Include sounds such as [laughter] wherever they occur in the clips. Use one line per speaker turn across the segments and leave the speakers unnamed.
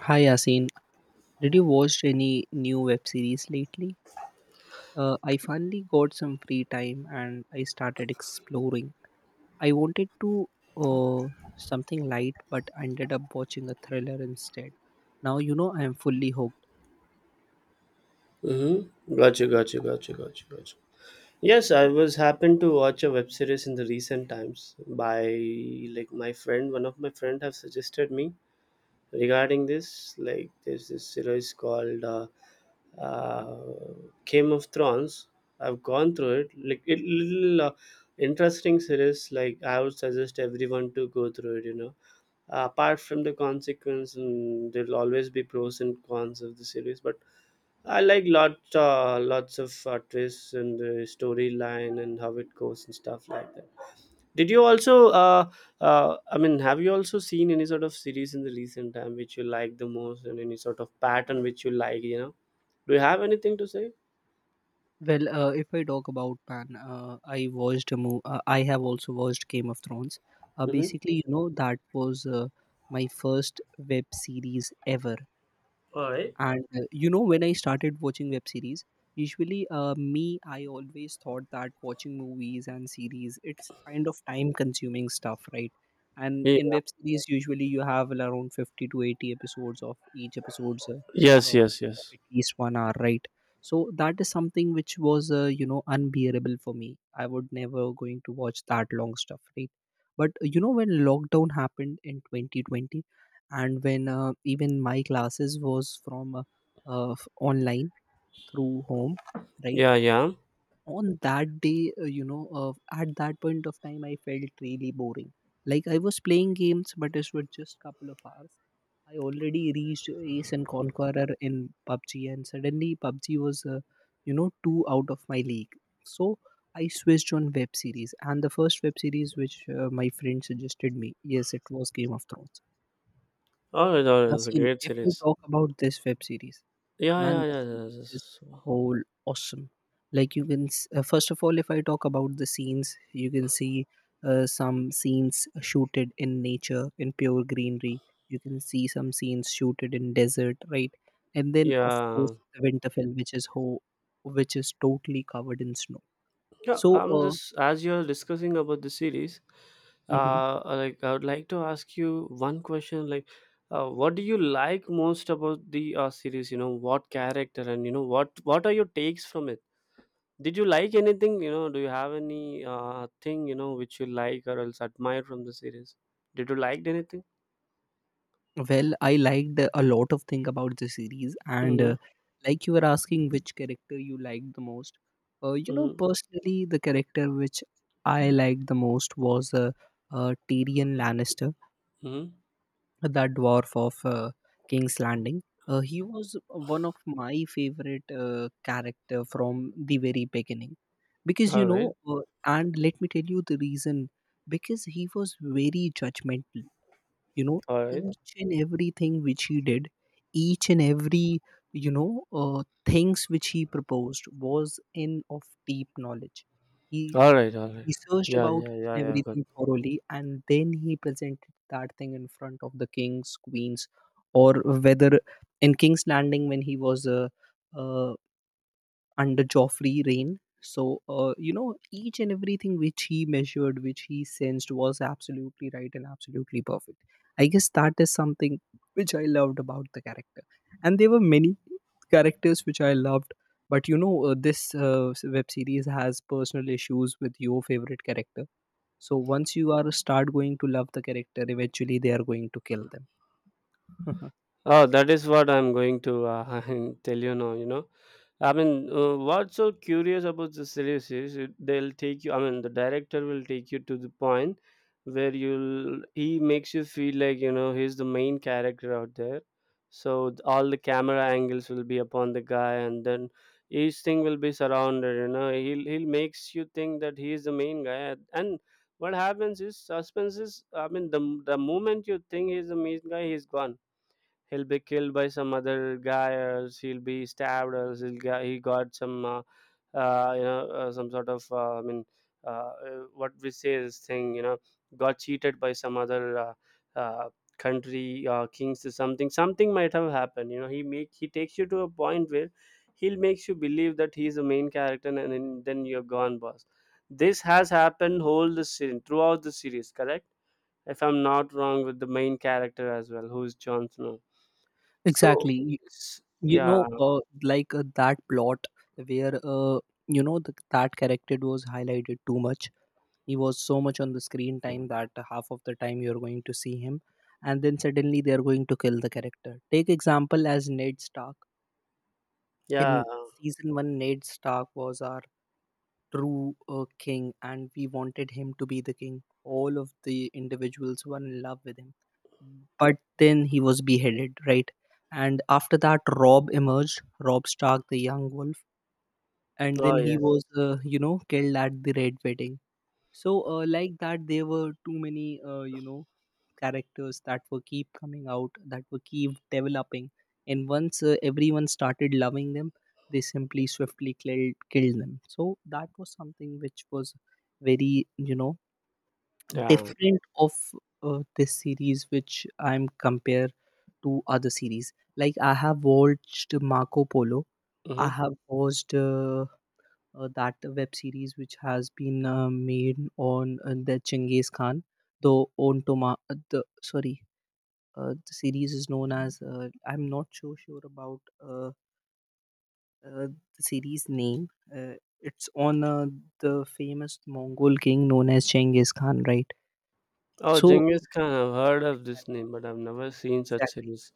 Hi Yasin, did you watch any new web series lately? I finally got some free time and I started exploring. I wanted to uh, something light, but ended up watching a thriller instead. Now you know I am fully hooked.
Mm-hmm. Gotcha, gotcha, gotcha, gotcha, gotcha. Yes, I was happened to watch a web series in the recent times by like my friend, one of my friend have suggested me regarding this. Like there's this series called uh, Game of Thrones. I've gone through it. Like it little interesting series. Like I would suggest everyone to go through it. You know, apart from the consequence, and there'll always be pros and cons of the series, but I like lots of twists and the storyline and how it goes and stuff like that. Did you also I mean, have you also seen any sort of series in the recent time which you like the most and any sort of pattern which you like, you know? Do you have anything to say?
Well, if I talk about man, I watched a movie. I have also watched Game of Thrones.
Mm-hmm.
Basically, you know that was my first web series ever.
All right.
And you know, when I started watching web series, usually me, I always thought that watching movies and series, it's kind of time consuming stuff, right? And
Yeah.
in web series, usually you have around 50 to 80 episodes, of each episode's
Yes,
of
yes, yes.
at least 1 hour, right? So that is something which was, you know, unbearable for me. I would never going to watch that long stuff, right? But you know, when lockdown happened in 2020, and when even my classes was from online through home, right?
Yeah, yeah.
On that day you know, at that point of time I felt really boring. Like I was playing games, but it was just couple of hours. I already reached ace and conqueror in PUBG, and suddenly PUBG was you know, too out of my league. So I switched on web series, and the first web series which my friend suggested me, yes, it was Game of Thrones.
All right, all right. It's a
Yasin,
great
if we
series.
talk about this web series,
Yeah, yeah,
man, the
yeah. Yeah.
series is
Yeah.
whole awesome. Like you can, first of all, if I talk about the scenes, you can see some scenes shooted in nature, in pure greenery. You can see some scenes shooted in desert, right? And then, of course,
Yeah.
the Winterfell, which is whole, which is totally covered in snow.
Yeah,
So,
I'm just as you're discussing about the series,
mm-hmm.
like I would like to ask you one question. Like, what do you like most about the series? You know, what character and what are your takes from it? Did you like anything? Do you have any thing which you like or else admire from the series? Did you liked anything?
Well, I liked a lot of thing about the series, and
Mm-hmm.
like you were asking which character you liked the most. You know,
Mm-hmm.
personally, the character which I liked the most was Tyrion Lannister,
Mm-hmm.
the dwarf of King's Landing. He was one of my favorite character from the very beginning, because you
All
know,
right.
and let me tell you the reason, because he was very judgmental, you know,
All right.
each and everything which he did, each and every, you know, things which he proposed was in of deep knowledge. He
All right. All right.
researched
Yeah.
about
Yeah.
each
Yeah.
and
Yeah.
everything thoroughly, and then he presented that thing in front of the kings, queens, or whether in King's Landing when he was uh, under Joffrey' reign. So, you know, each and everything which he measured, which he sensed was absolutely right and absolutely perfect. I guess that is something which I loved about the character. And there were many characters which I loved. But, you know, this web series has personal issues with your favorite character. So once you are start going to love the character, eventually they are going to kill them.
Oh, that is what I'm going to [laughs] tell you now. You know, I mean, what's so curious about the series is they'll take you. I mean, the director will take you to the point where you'll he makes you feel like he's the main character out there. So all the camera angles will be upon the guy, and then each thing will be surrounded. You know, he'll makes you think that he is the main guy, and what happens is suspense is. I mean, the moment you think he's the main guy, he's gone. He'll be killed by some other guy, or else he'll be stabbed, or else he got some some sort of I mean, what we say is thing, got cheated by some other uh, country kings, or something might have happened. He takes you to a point where he'll makes you believe that he's the main character, and then you're gone, boss. This has happened whole the series throughout the series, correct? If I'm not wrong, with the main character as well, who's Jon Snow.
[laughs]
So,
Exactly.
s
you
Yeah,
know uh, like uh, that plot where you know that character was highlighted too much. He was so much on the screen time that half of the time you're going to see him, and then suddenly they're going to kill the character. Take example as Ned Stark.
yeah.
In season 1, Ned Stark was our true king, and we wanted him to be the king. All of the individuals were in love with him. But then he was beheaded, right? And after that, Rob emerged, Rob Stark, the young wolf, and then
Oh,
he
yes.
was, you know, killed at the Red Wedding. So, like that, there were too many, you know, characters that were keep coming out, that were keep developing. And once everyone started loving them, they simply swiftly killed, killed them. So that was something which was very, you know,
Yeah.
different of this series, which I'm compare to other series. Like I have watched Marco Polo. I
Mhm.
have watched that web series which has been made on the Chinggis Khan, the on Toma, the sorry, the series is known as I'm not so sure about uh, the series name. Uh, it's on the famous Mongol king known as Genghis Khan, right?
Oh,
So
Genghis Khan. I've heard of this
exactly,
name, but I've never seen such
exactly.
series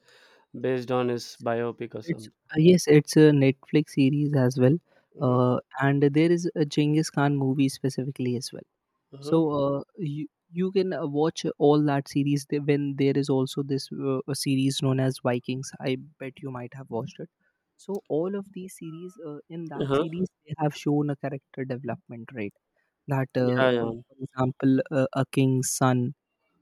based on his
It's
biopic or
it's
something.
uh, yes, it's a Netflix series as well,
Mhm.
and there is a Genghis Khan movie specifically as well. So
Mhm.
you can watch all that series when there is also this a series known as Vikings. I bet you might have watched it. So all of these series in that
Huh.
series they have shown a character development, right? That
Yeah, yeah.
for example, a king's son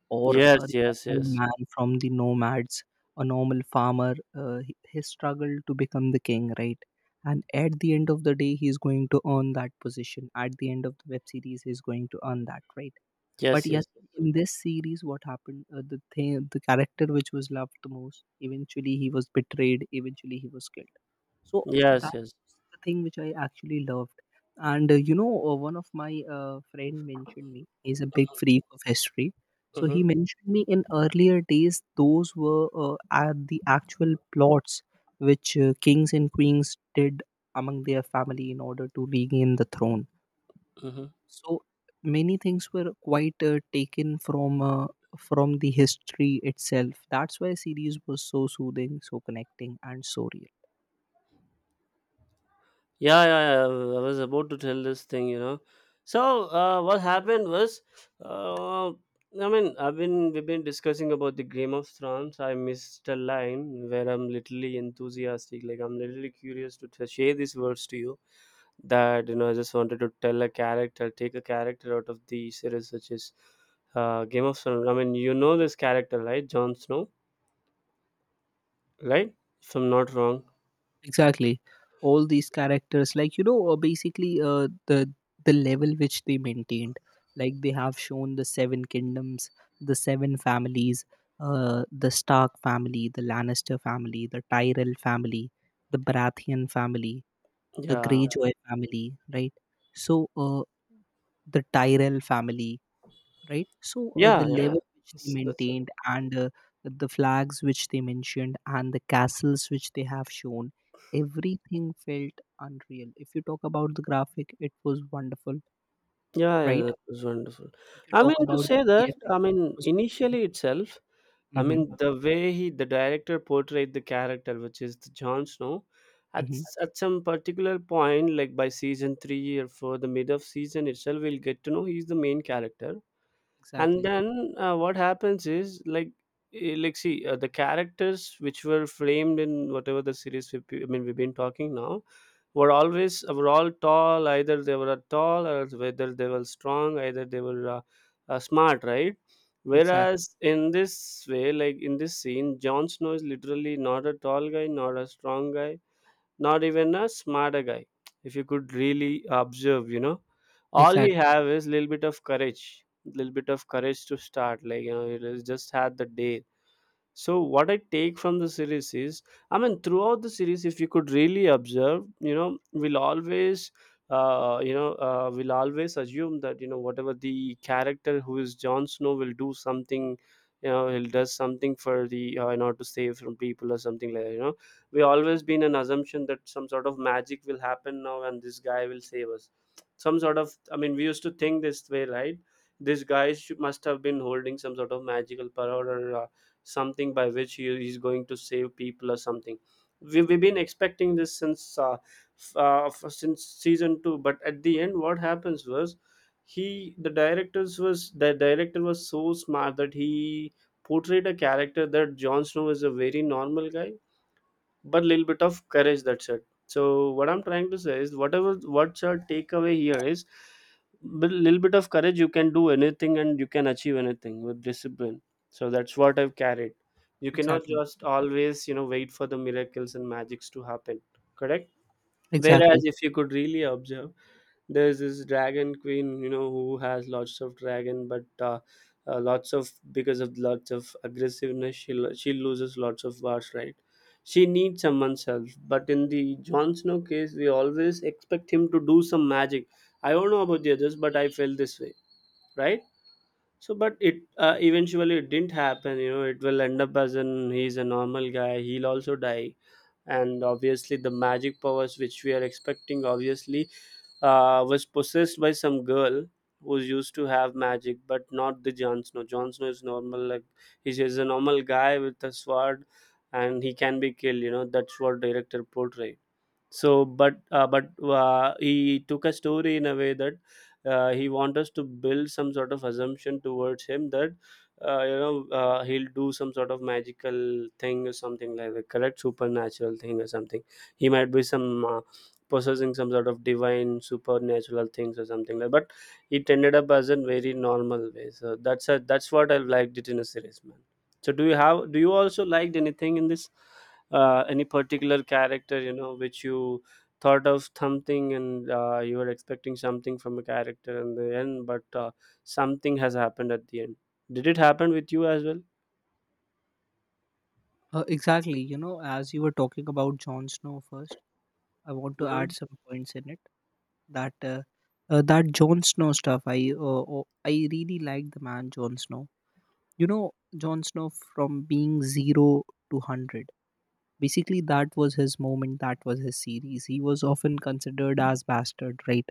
or a
Yes, yes,
normal
yes.
man from the nomads, a normal farmer, his struggle to become the king, right? And at the end of the day, he's going to earn that position. At the end of the web series, he's going to earn that, right? But
Yes,
yes,
yes.
in this series, what happened? The thing, the character which was loved the most, eventually he was betrayed. Eventually he was killed. So that
Yes, yes.
was the thing which I actually loved. And you know, one of my friend mentioned me. He's a big
Mhm.
freak of history. So he
Mhm.
mentioned me in earlier days. Those were are the actual plots which kings and queens did among their family in order to regain the throne.
Mhm.
So many things were quite taken from the history itself. That's why series was so soothing, so connecting, and so real.
Yeah, yeah, yeah. I was about to tell this thing, you know. So what happened was, I mean, I've been we've been discussing about the Game of Thrones. I missed a line where I'm literally enthusiastic, like I'm literally curious to share these words to you. That, I just wanted to tell a character, take a character out of the series, such as Game of Thrones. I mean, you know this character, right? Jon Snow, right? If I'm not wrong.
Exactly, all these characters, like you know, basically the level which they maintained, like they have shown the seven kingdoms, the seven families, the Stark family, the Lannister family, the Tyrell family, the Baratheon family, the
Yeah,
Greyjoy family, right? So the Tyrell family, right? So
yeah.
the
Yeah.
yeah
Yeah.
level which they
That's
maintained, and the flags which they mentioned and the castles which they have shown, everything felt unreal. If you talk about the graphic, it was wonderful,
Yeah, yeah,
right? Yeah.
that was wonderful.
If you
I
talk
mean to
about the
say that,
VFX,
I
it
mean
was wonderful.
initially itself, I
Mm-hmm,
mean the way the director portrayed the character, which is the Jon Snow,
mm-hmm.
at some particular point, like by season three or four, the mid of season itself, we'll get to know he's the main character, and
Exactly,
then what happens is like like see the characters which were framed in whatever the series I mean, we've been talking now, were always were all tall, either they were tall or whether they were strong, either they were smart, right?
exactly,
Whereas in this way, like in this scene, Jon Snow is literally not a tall guy, not a strong guy, not even a smarter guy, if you could really observe. You know, all he
exactly,
have is little bit of courage, little bit of courage to start, like he just had the day. So what I take from the series is, I mean, throughout the series, if you could really observe, you know, we'll always assume that whatever the character who is Jon Snow will do something. You know, he'll does something for the in order to save from people or something like that. You know, we always been an assumption that some sort of magic will happen now and this guy will save us. Some sort of, I mean, we used to think this way, right? This guy must have been holding some sort of magical power, or something by which he's going to save people or something. We've been expecting this since since season two, but at the end what happens was, he the directors was the director was so smart that he portrayed a character that Jon Snow is a very normal guy, but little bit of courage, that's it. So what I'm trying to say is, whatever, what's your takeaway here is, with little bit of courage you can do anything, and you can achieve anything with discipline. So that's what I've carried. You cannot
exactly,
just always wait for the miracles and magics to happen, correct?
exactly.
Whereas if you could really observe, there's this dragon queen, who has lots of dragon, but lots of because of lots of aggressiveness, she loses lots of bars, right? She needs someone's help, but in the Jon Snow case, we always expect him to do some magic. I don't know about the others, but I felt this way, right? So but it eventually it didn't happen. It will end up as an he's a normal guy, he'll also die. And obviously the magic powers which we are expecting obviously was possessed by some girl who used to have magic, but not the Jon Snow. Jon Snow is normal, like he's just a normal guy with a sword, and he can be killed, that's what director portrayed. So but he took a story in a way that he wants us to build some sort of assumption towards him, that he'll do some sort of magical thing or something like that, correct? Supernatural thing or something. He might be some possessing some sort of divine supernatural things or something like. But it ended up as a very normal way. So that's what I liked it in a series, man. So do you also liked anything in this, any particular character, which you thought of something, and you were expecting something from a character in the end, but something has happened at the end. Did it happen with you as well?
Exactly. You know, as you were talking about Jon Snow first, I want to add
Hmm.
some points in it, that that Jon Snow stuff. I really like the man Jon Snow. You know, Jon Snow from being zero to hundred. Basically, that was his moment. That was his series. He was often considered as bastard, right?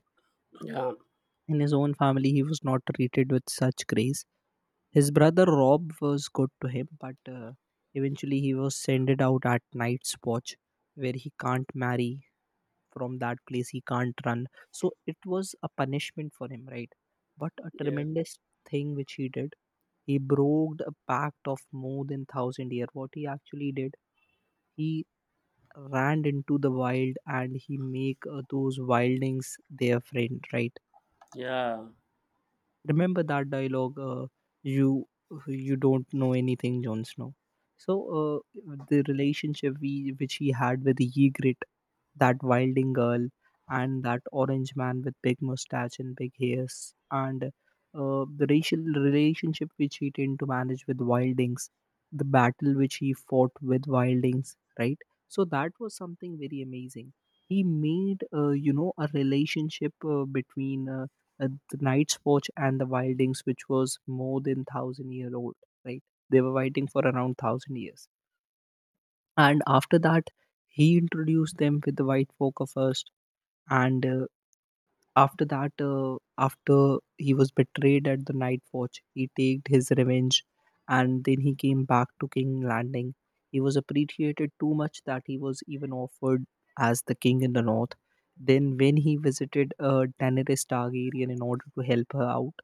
Yeah,
In his own family, he was not treated with such grace. His brother Rob was good to him, but eventually he was sent out at night's watch, where he can't marry. From that place he can't run, so it was a punishment for him, right? But a
yeah,
tremendous thing which he did, he broke a pact of more than 1000 year. What he actually did, he ran into the wild, and he make those wildings their friend, right?
yeah.
Remember that dialogue, you you don't know anything, Jon Snow. So the relationship we which he had with Ygritte, that wilding girl, and that orange man with big mustache and big hairs, and the racial relationship which he tend to manage with wildings, the battle which he fought with wildings, right? So that was something very amazing. He made you know, a relationship between the night watch and the wildings, which was more than 1000 year old, right? They were waiting for around 1000 years, and after that he introduced them with the white poker first, and after that, after he was betrayed at the Night Watch, he took his revenge, and then he came back to King Landing. He was appreciated too much that he was even offered as the king in the north. Then, when he visited Daenerys Targaryen in order to help her out,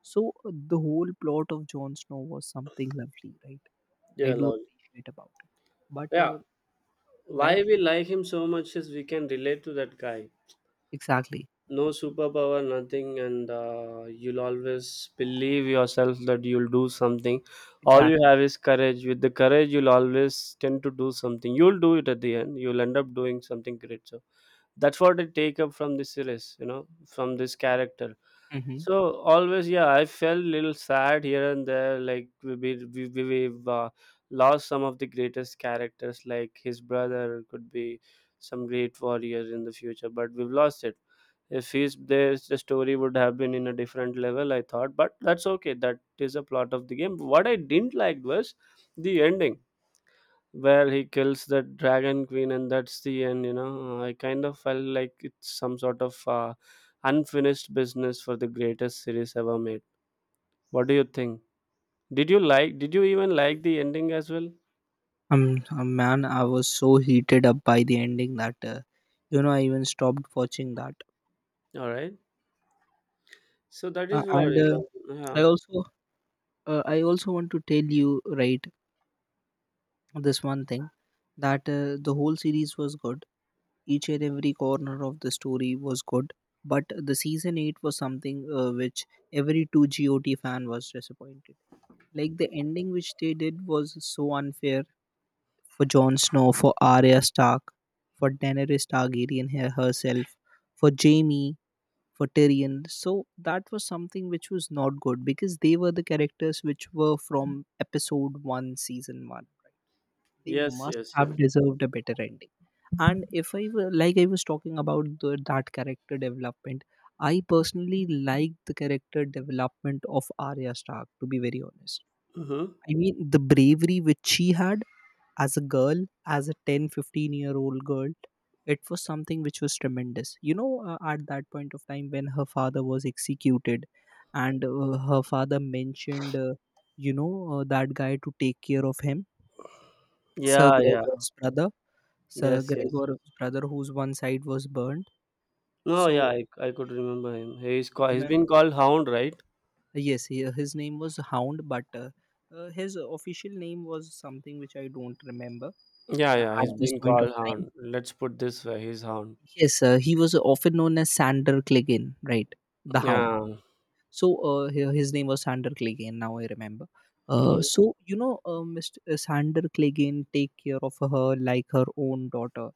so the whole plot of Jon Snow was something lovely, right? I
Yeah
do
lol.
appreciate about it. But
Yeah, why
like
we like him so much is we can relate to that guy.
exactly,
No superpower, nothing. And you'll always believe yourself that you'll do something. All you
exactly.
have is courage, with the courage you'll always tend to do something, you'll do it at the end, you'll end up doing something great. So that's what I take up from this series, from this character.
Mm-hmm.
So always, yeah, I felt little sad here and there, like we've lost some of the greatest characters, like his brother could be some great warrior in the future, but we've lost it. If he's there, the story would have been in a different level, I thought, but that's okay, that is a plot of the game. What I didn't like was the ending, where he kills the dragon queen and that's the end. I kind of felt like it's some sort of unfinished business for the greatest series ever made. What do you think? Did you even like the ending as well?
Man, I was so heated up by the ending that you know, I even stopped watching that.
All right, so that
Uh,
is what
and uh,
you know, yeah.
I also I also want to tell you, right, this one thing, that the whole series was good. Each and every corner of the story was good, but the season eight was something which every two GOT fan was disappointed. Like the ending which they did was so unfair for Jon Snow, for Arya Stark, for Daenerys Targaryen herself, for Jaime, for Tyrion. So that was something which was not good because they were the characters which were from episode one, season one. Right? They
Yes,
must
yes, yeah.
have deserved a better ending. And if I were like I was talking about that character development, I personally like the character development of Arya Stark. To be very honest,
Hmm.
I mean the bravery which she had as a girl as a 10-15 year old girl. It was something which was tremendous. At that point of time when her father was executed, and her father mentioned that guy to take care of him, sir
Yeah, yeah.
gregor's brother sir
Yes, yes, yes.
gregor's brother whose one side was burned.
No,
So,
yeah, I could remember him. He's
remem-
been called Hound, right?
yes, his name was Hound, but his official name was something which I don't remember
Yeah, yeah, he's
at this
been
point of
called
time.
Hound. Let's put this way, he's Hound.
Yes, he was often known as Sander Clegane, right? The Hound.
Yeah.
So, his name was Sander Clegane. Now I remember. Uh,
Hmm.
so Mr. Sander Clegane take care of her like her own daughter,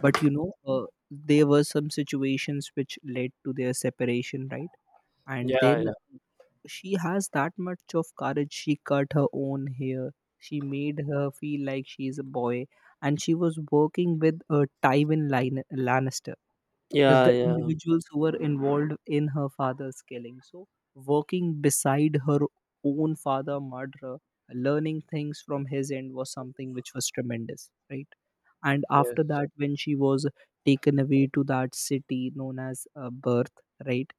but there were some situations which led to their separation, right? And
Yeah,
then
yeah.
she has that much of courage, she cut her own hair, she made her feel like she is a boy, and she was working with Tywin Lannister, the,
Yeah,
the
yeah.
individuals who were involved in her father's killing, so working beside her own father murderer, learning things from his end was something which was tremendous, right? And after
Yes.
that, when she was taken away to that city known as birth, right,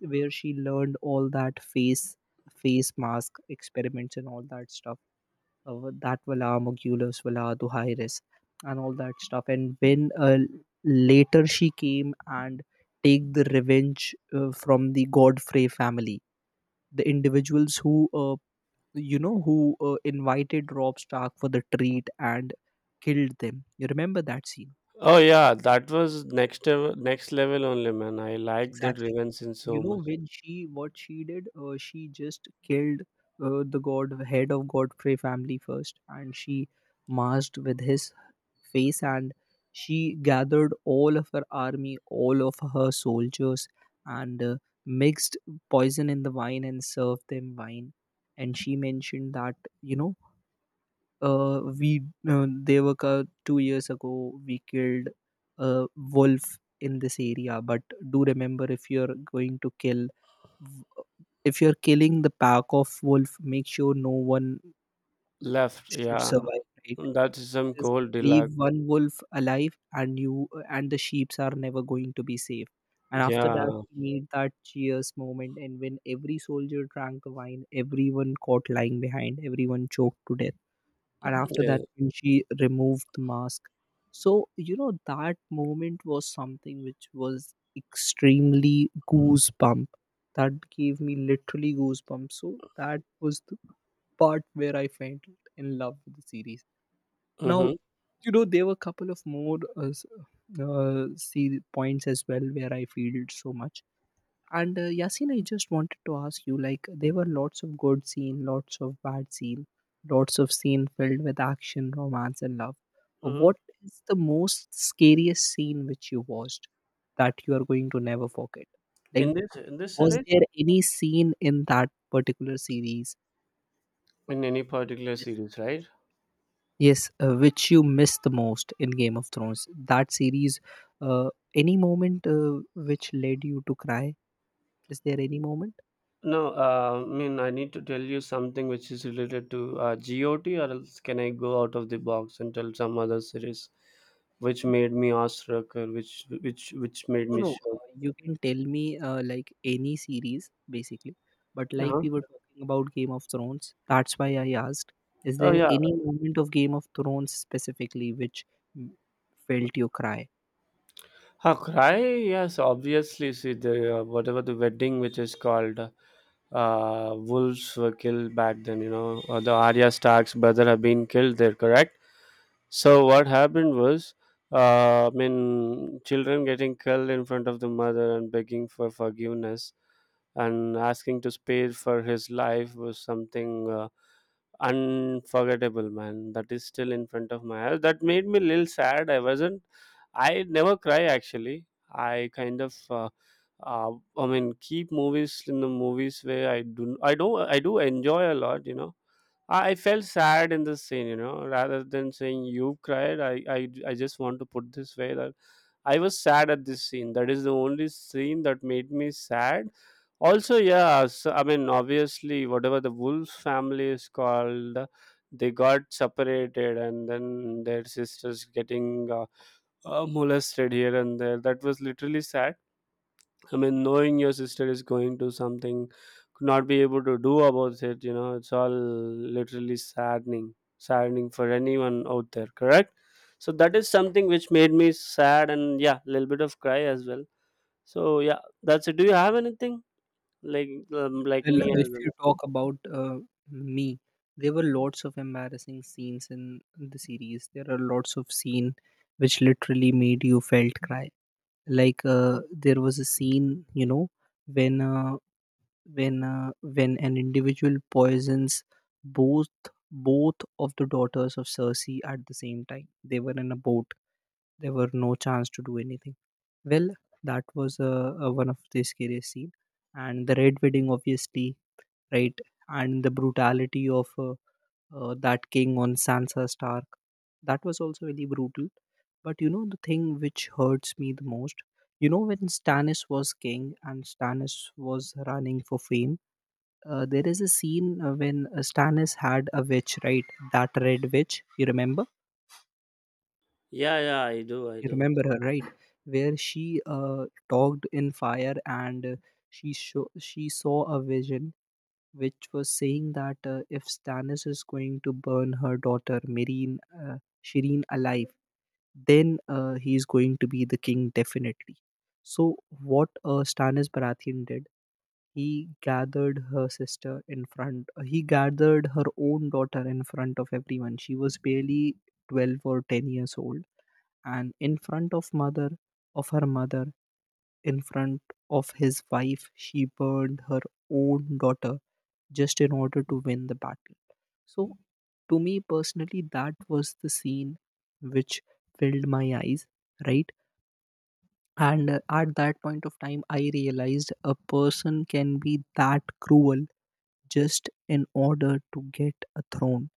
where she learned all that face mask experiments and all that stuff, that wala mogulus wala duhairis, and all that stuff. And when later she came and take the revenge from the Godfrey family, the individuals who invited Rob Stark for the treat and killed them. You remember that scene?
Oh yeah, that was next level only, man. I like that
Exactly.
Riven Sin
So, you
so
know
much.
when she what she did? She just killed the god head of Godfrey family first, and she masked with his face, and she gathered all of her army, all of her soldiers, and mixed poison in the wine and served them wine. And she mentioned that, you know we, Devaka, 2 years ago we killed a wolf in this area. But do remember, if you're going to kill, if you're killing the pack of wolf, make sure no one
Left,
should
yeah.
survive, right?
That is some
Because
cold
leave
deluxe.
one wolf alive, and you and the sheeps are never going to be safe. And after that,
Yeah.
we made that cheers moment. And when every soldier drank the wine, everyone caught lying behind, everyone choked to death. And after that,
Yeah.
when she removed the mask, so that moment was something which was extremely goosebump. That gave me literally goosebumps. So that was the part where I fell in love with the series. Now,
Mm-hmm.
there were a couple of more see points as well where I feel so much. And Yasin, I just wanted to ask you, like, there were lots of good scene, lots of bad scene, lots of scene filled with action, romance, and love.
Mm-hmm.
What is the most scariest scene which you watched that you are going to never forget? Like,
In this
was
series?
there any scene in that particular series
In any
which you
particular
missed?
series, right?
Yes, which you missed the most in Game of Thrones. That series, uh, any moment which led you to cry? Is there any moment?
No, I mean, I need to tell you something which is related to GOT, or else can I go out of the box and tell some other series which made me awestruck or which made
No,
me
no.
shocked?
You can tell me, like, any series basically, but, like,
Uh-huh.
we were talking about Game of Thrones, that's why I asked. Is
Oh
there
yeah.
any moment of Game of Thrones specifically which mm, felt you cry?
A cry, yes, obviously. See, the whatever the wedding which is called, wolves were killed back then. You know, the Arya Stark's brother have been killed there, correct? So what happened was, I mean, children getting killed in front of the mother and begging for forgiveness and asking to spare for his life was something unforgettable, man. That is still in front of my eyes. That made me a little sad. I wasn't. I never cry actually. I kind of, I mean, keep movies in the movies where I do, I do enjoy a lot. You know, I felt sad in this scene. Rather than saying you cried, I just want to put this way that I was sad at this scene. That is the only scene that made me sad. Also, yeah, so, I mean, obviously, whatever the wolf family is called, they got separated, and then their sisters getting molested here and there. That was literally sad. I mean, knowing your sister is going to something, could not be able to do about it, you know, it's all literally saddening, saddening for anyone out there, correct? So that is something which made me sad and yeah, a little bit of cry as well. So yeah, that's it. Do you have anything like
Well,
me
if
as well?
you talk about me, there were lots of embarrassing scenes in the series. There are lots of scene which literally made you felt cry. Like, there was a scene, when uh, when an individual poisons both both of the daughters of Cersei at the same time. They were in a boat. There were no chance to do anything. Well, that was one of the scariest scene, and the red wedding, obviously, right, and the brutality of that king on Sansa Stark. That was also really brutal. But you know the thing which hurts me the most. You know when Stannis was king and Stannis was running for fame, there is a scene, when Stannis had a witch, right? That red witch, you remember?
Yeah, yeah, I do, I
You
do.
remember her, right? Where she talked in fire, and she saw a vision which was saying that if Stannis is going to burn her daughter Marine Shireen alive, then he is going to be the king definitely. So what Stannis Baratheon did. He gathered her sister in front. He gathered her own daughter in front of everyone. She was barely 12 or 10 years old. And in front of her mother, in front of his wife, she burned her own daughter just in order to win the battle. So, to me personally, that was the scene which filled my eyes, right? And at that point of time, I realized a person can be that cruel just in order to get a throne.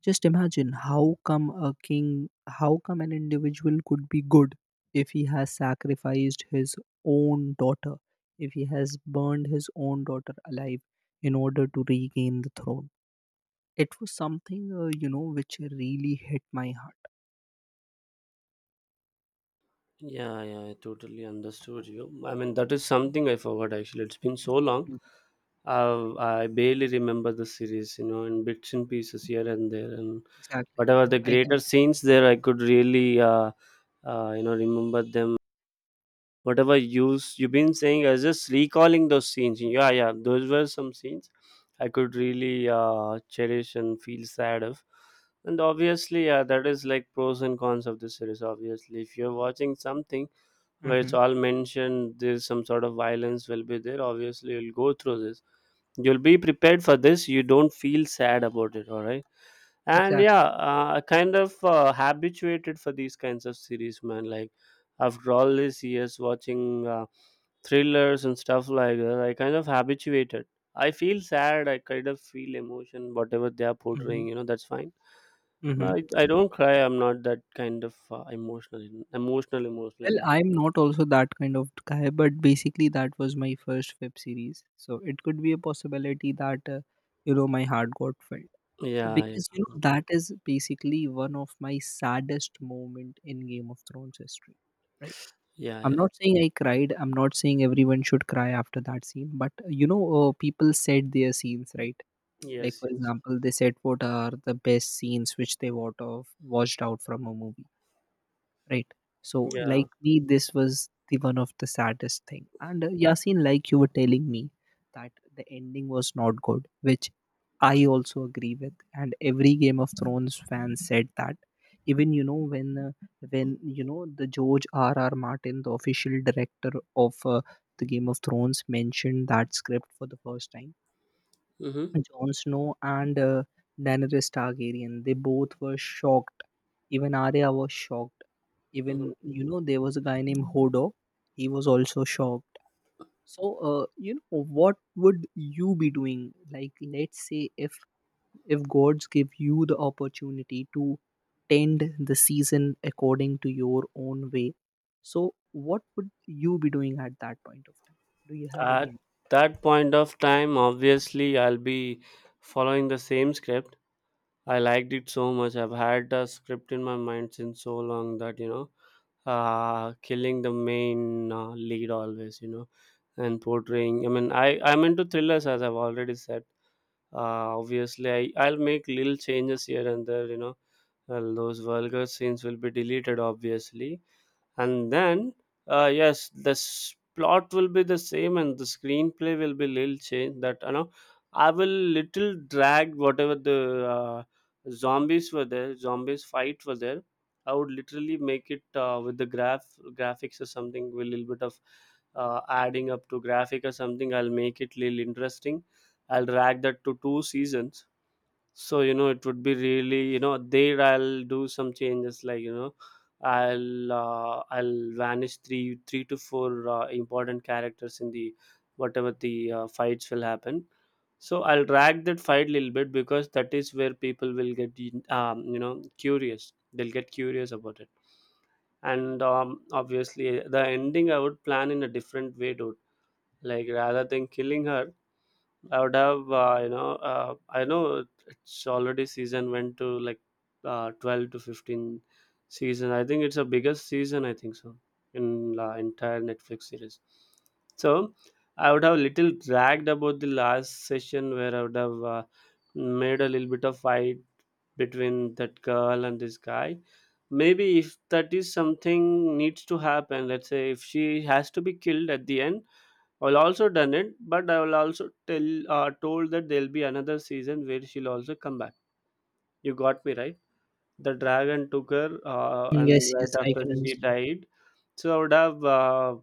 Just imagine how come a king, how come an individual could be good if he has sacrificed his own daughter, if he has burned his own daughter alive in order to regain the throne. It was something, which really hit my heart.
Yeah, yeah, I totally understood you. I mean, that is something I forgot actually. It's been so long.
Mhm.
I barely remember the series, you know, in bits and pieces here and there, and
Exactly.
whatever the
I can.
greater scenes there, I could really, you know, remember them. Whatever you've been saying, I was just recalling those scenes. Yeah, yeah, those were some scenes I could really cherish and feel sad of. And obviously, yeah, that is like pros and cons of the series. Obviously, if you're watching something where
Hmm.
it's all mentioned, there's some sort of violence will be there. Obviously you'll go through this, you'll be prepared for this, you don't feel sad about it, all right? And yeah, I kind of habituated for these kinds of series, man. Like after all these years watching thrillers and stuff like that, I kind of habituated. I feel sad, I kind of feel emotion whatever they are portraying,
Exactly.
you know, that's fine.
Hmm.
But I don't cry. I'm not that kind of emotional, emotional
Well,
guy.
I'm not also that kind of guy, but basically that was my first web series. So it could be a possibility that my heart got filled,
Yeah, yeah,
because that is basically one of my saddest moment in Game of Thrones history. Right?
yeah,
I'm
yeah.
not saying I cried. I'm not saying everyone should cry after that scene, but people said their scenes, right. Like,
Yes,
for
yes.
example, they said what are the best scenes which they would have watched out from a movie, right? So,
Yeah.
like me, this was the one of the saddest thing. And Yasin, like you were telling me, that the ending was not good, which I also agree with. And every Game of Thrones fan said that. Even when the George R.R. Martin, the official director of the Game of Thrones, mentioned that script for the first time,
Mm-hmm,
Jon Snow and Daenerys Targaryen, they both were shocked. Even Arya was shocked.
hmm.
Even there was a guy named Hodor. He was also shocked. So, what would you be doing? Like, let's say, if gods give you the opportunity to tend the season according to your own way, so what would you be doing at that point of time? Do you have any
At
idea?
that point of time, obviously, I'll be following the same script. I liked it so much. I've had the script in my mind since so long that, you know, killing the main lead always, you know, and portraying. I mean, I'm into thrillers, as I've already said. Obviously, I'll make little changes here and there, you know. Well, those vulgar scenes will be deleted, obviously, and then yes, this plot will be the same and the screenplay will be little change that, you know, I will little drag whatever the uh, zombies were there, zombies fight were there. I would literally make it with the graphics or something, with a little bit of adding up to graphic or something. I'll make it little interesting. I'll drag that to two seasons. So you know, it would be really, you know, there I'll do some changes, like, you know, I'll vanish three to four important characters in the whatever the fights will happen. So I'll drag that fight a little bit because that is where people will get, you know, curious. They'll get curious about it. And obviously, the ending I would plan in a different way, dude. Like rather than killing her, I would have, I know it's already season went to like 12 to 15 season. I think it's the biggest season, I think so, in the entire Netflix series. So I would have little dragged about the last session where I would have made a little bit of fight between that girl and this guy. Maybe if that is something needs to happen, let's say if she has to be killed at the end, I'll also done it, but I will also tell told that there'll be another season where she'll also come back. You got me right. The dragon took her, and
Yes, yes,
right
I
after
can
she
understand.
died, so I would have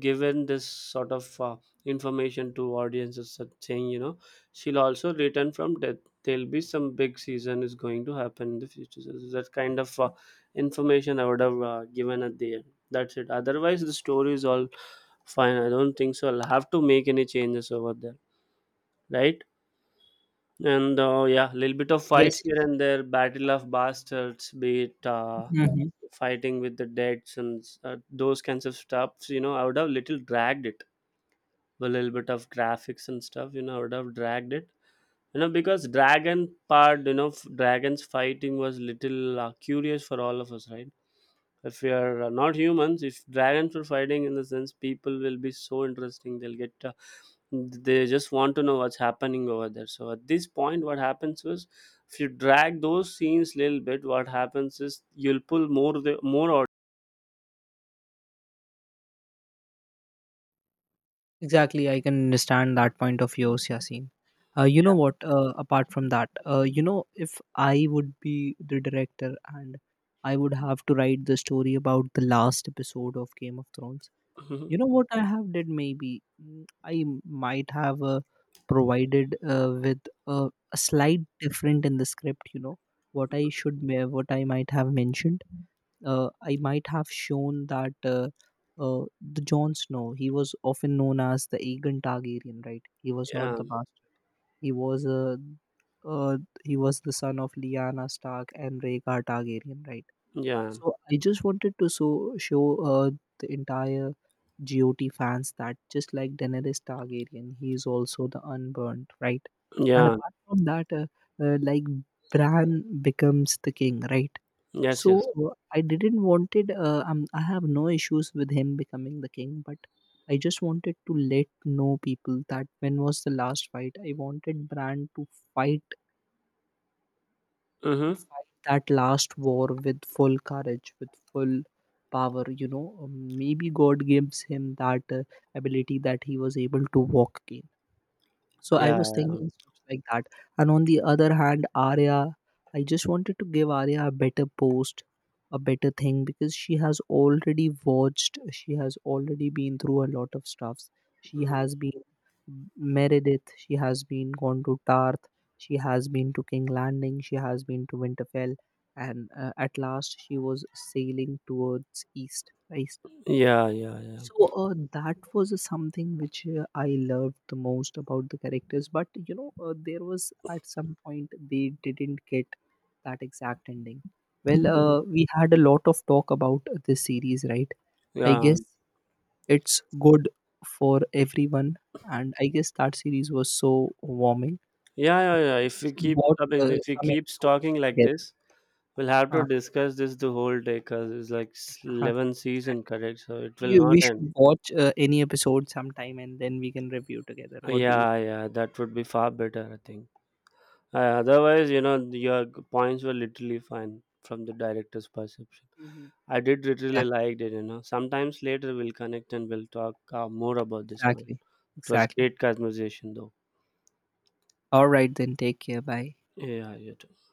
given this sort of information to audiences such saying, you know, she'll also return from death. There'll be some big season is going to happen in the future, so that kind of information I would have given at the end. That's it. Otherwise the story is all fine. I don't think so I'll have to make any changes over there, right? And yeah, little bit of
Yes.
fights here and there, battle of bastards, be it
Yes.
fighting with the deads and those kinds of stuffs, you know, I would have little dragged it. A little bit of graphics and stuff, you know, I would have dragged it, you know, because dragon part, you know, dragons fighting was little curious for all of us, right? If we are not humans, if dragons were fighting, in the sense people will be so interesting, they'll get they just want to know what's happening over there. So at this point what happens is, if you drag those scenes little bit, what happens is you'll pull more, the more out.
Exactly, I can understand that point of yours, Yasin. You know what?
Yeah.
Apart from that, if I would be the director and I would have to write the story about the last episode of Game of Thrones,
Mhm.
you know what I have did? Maybe I might have provided, with a slight different in the script. You know what I might have mentioned. I might have shown that, the Jon Snow, he was often known as the Aegon Targaryen, right? He was not
Yeah,
the bastard. He was uh, uh, he was the son of Lyanna Stark and Rhaegar Targaryen, right?
yeah,
So I just wanted to show the entire GOT fans that, just like Daenerys Targaryen, he is also the unburnt, right? And
yeah.
apart from that, like, Bran becomes the king, right?
Yes, yes.
So, I didn't wanted. I have no issues with him becoming the king, but I just wanted to let know people that when was the last fight? I wanted Bran to fight
Mm-hmm.
fight that last war with full courage, with full power. Maybe God gives him that ability that he was able to walk again. So I
Yeah,
was thinking stuff like that. And on the other hand, Arya, I just wanted to give Arya a better post, a better thing, because she has already been through a lot of stuffs. She
yeah.
has been Meredith, she has been gone to Tarth, she has been to King Landing, she has been to Winterfell, and at last she was sailing towards east, right?
Yeah, yeah, yeah.
So, that was something which I loved the most about the characters. But, there was at some point they didn't get that exact ending. Well,
Mhm.
we had a lot of talk about this series, right? I
Yeah,
guess it's good for everyone, and I guess that series was so warming.
yeah, yeah, yeah.
Maybe we
If we
should
keep,
watch
I mean, if we
some
keeps
episodes
talking like
together.
this, we'll have to
Uh,
discuss this the whole day because it's like
uh-huh.
11 season,
Exactly.
correct? So it will
We
not end.
should watch any episode sometime, and then we can review together. What do you?
Yeah, yeah, that would be far better, I think. Otherwise, you know, your points were literally fine from the director's perception.
Mhm.
I did literally
Exact-
liked it, you know. Sometimes later we'll connect and we'll talk more about this, man.
Exactly.
It was
Exactly.
great conversation, though.
All right, then take care. Bye.
Yeah, yeah.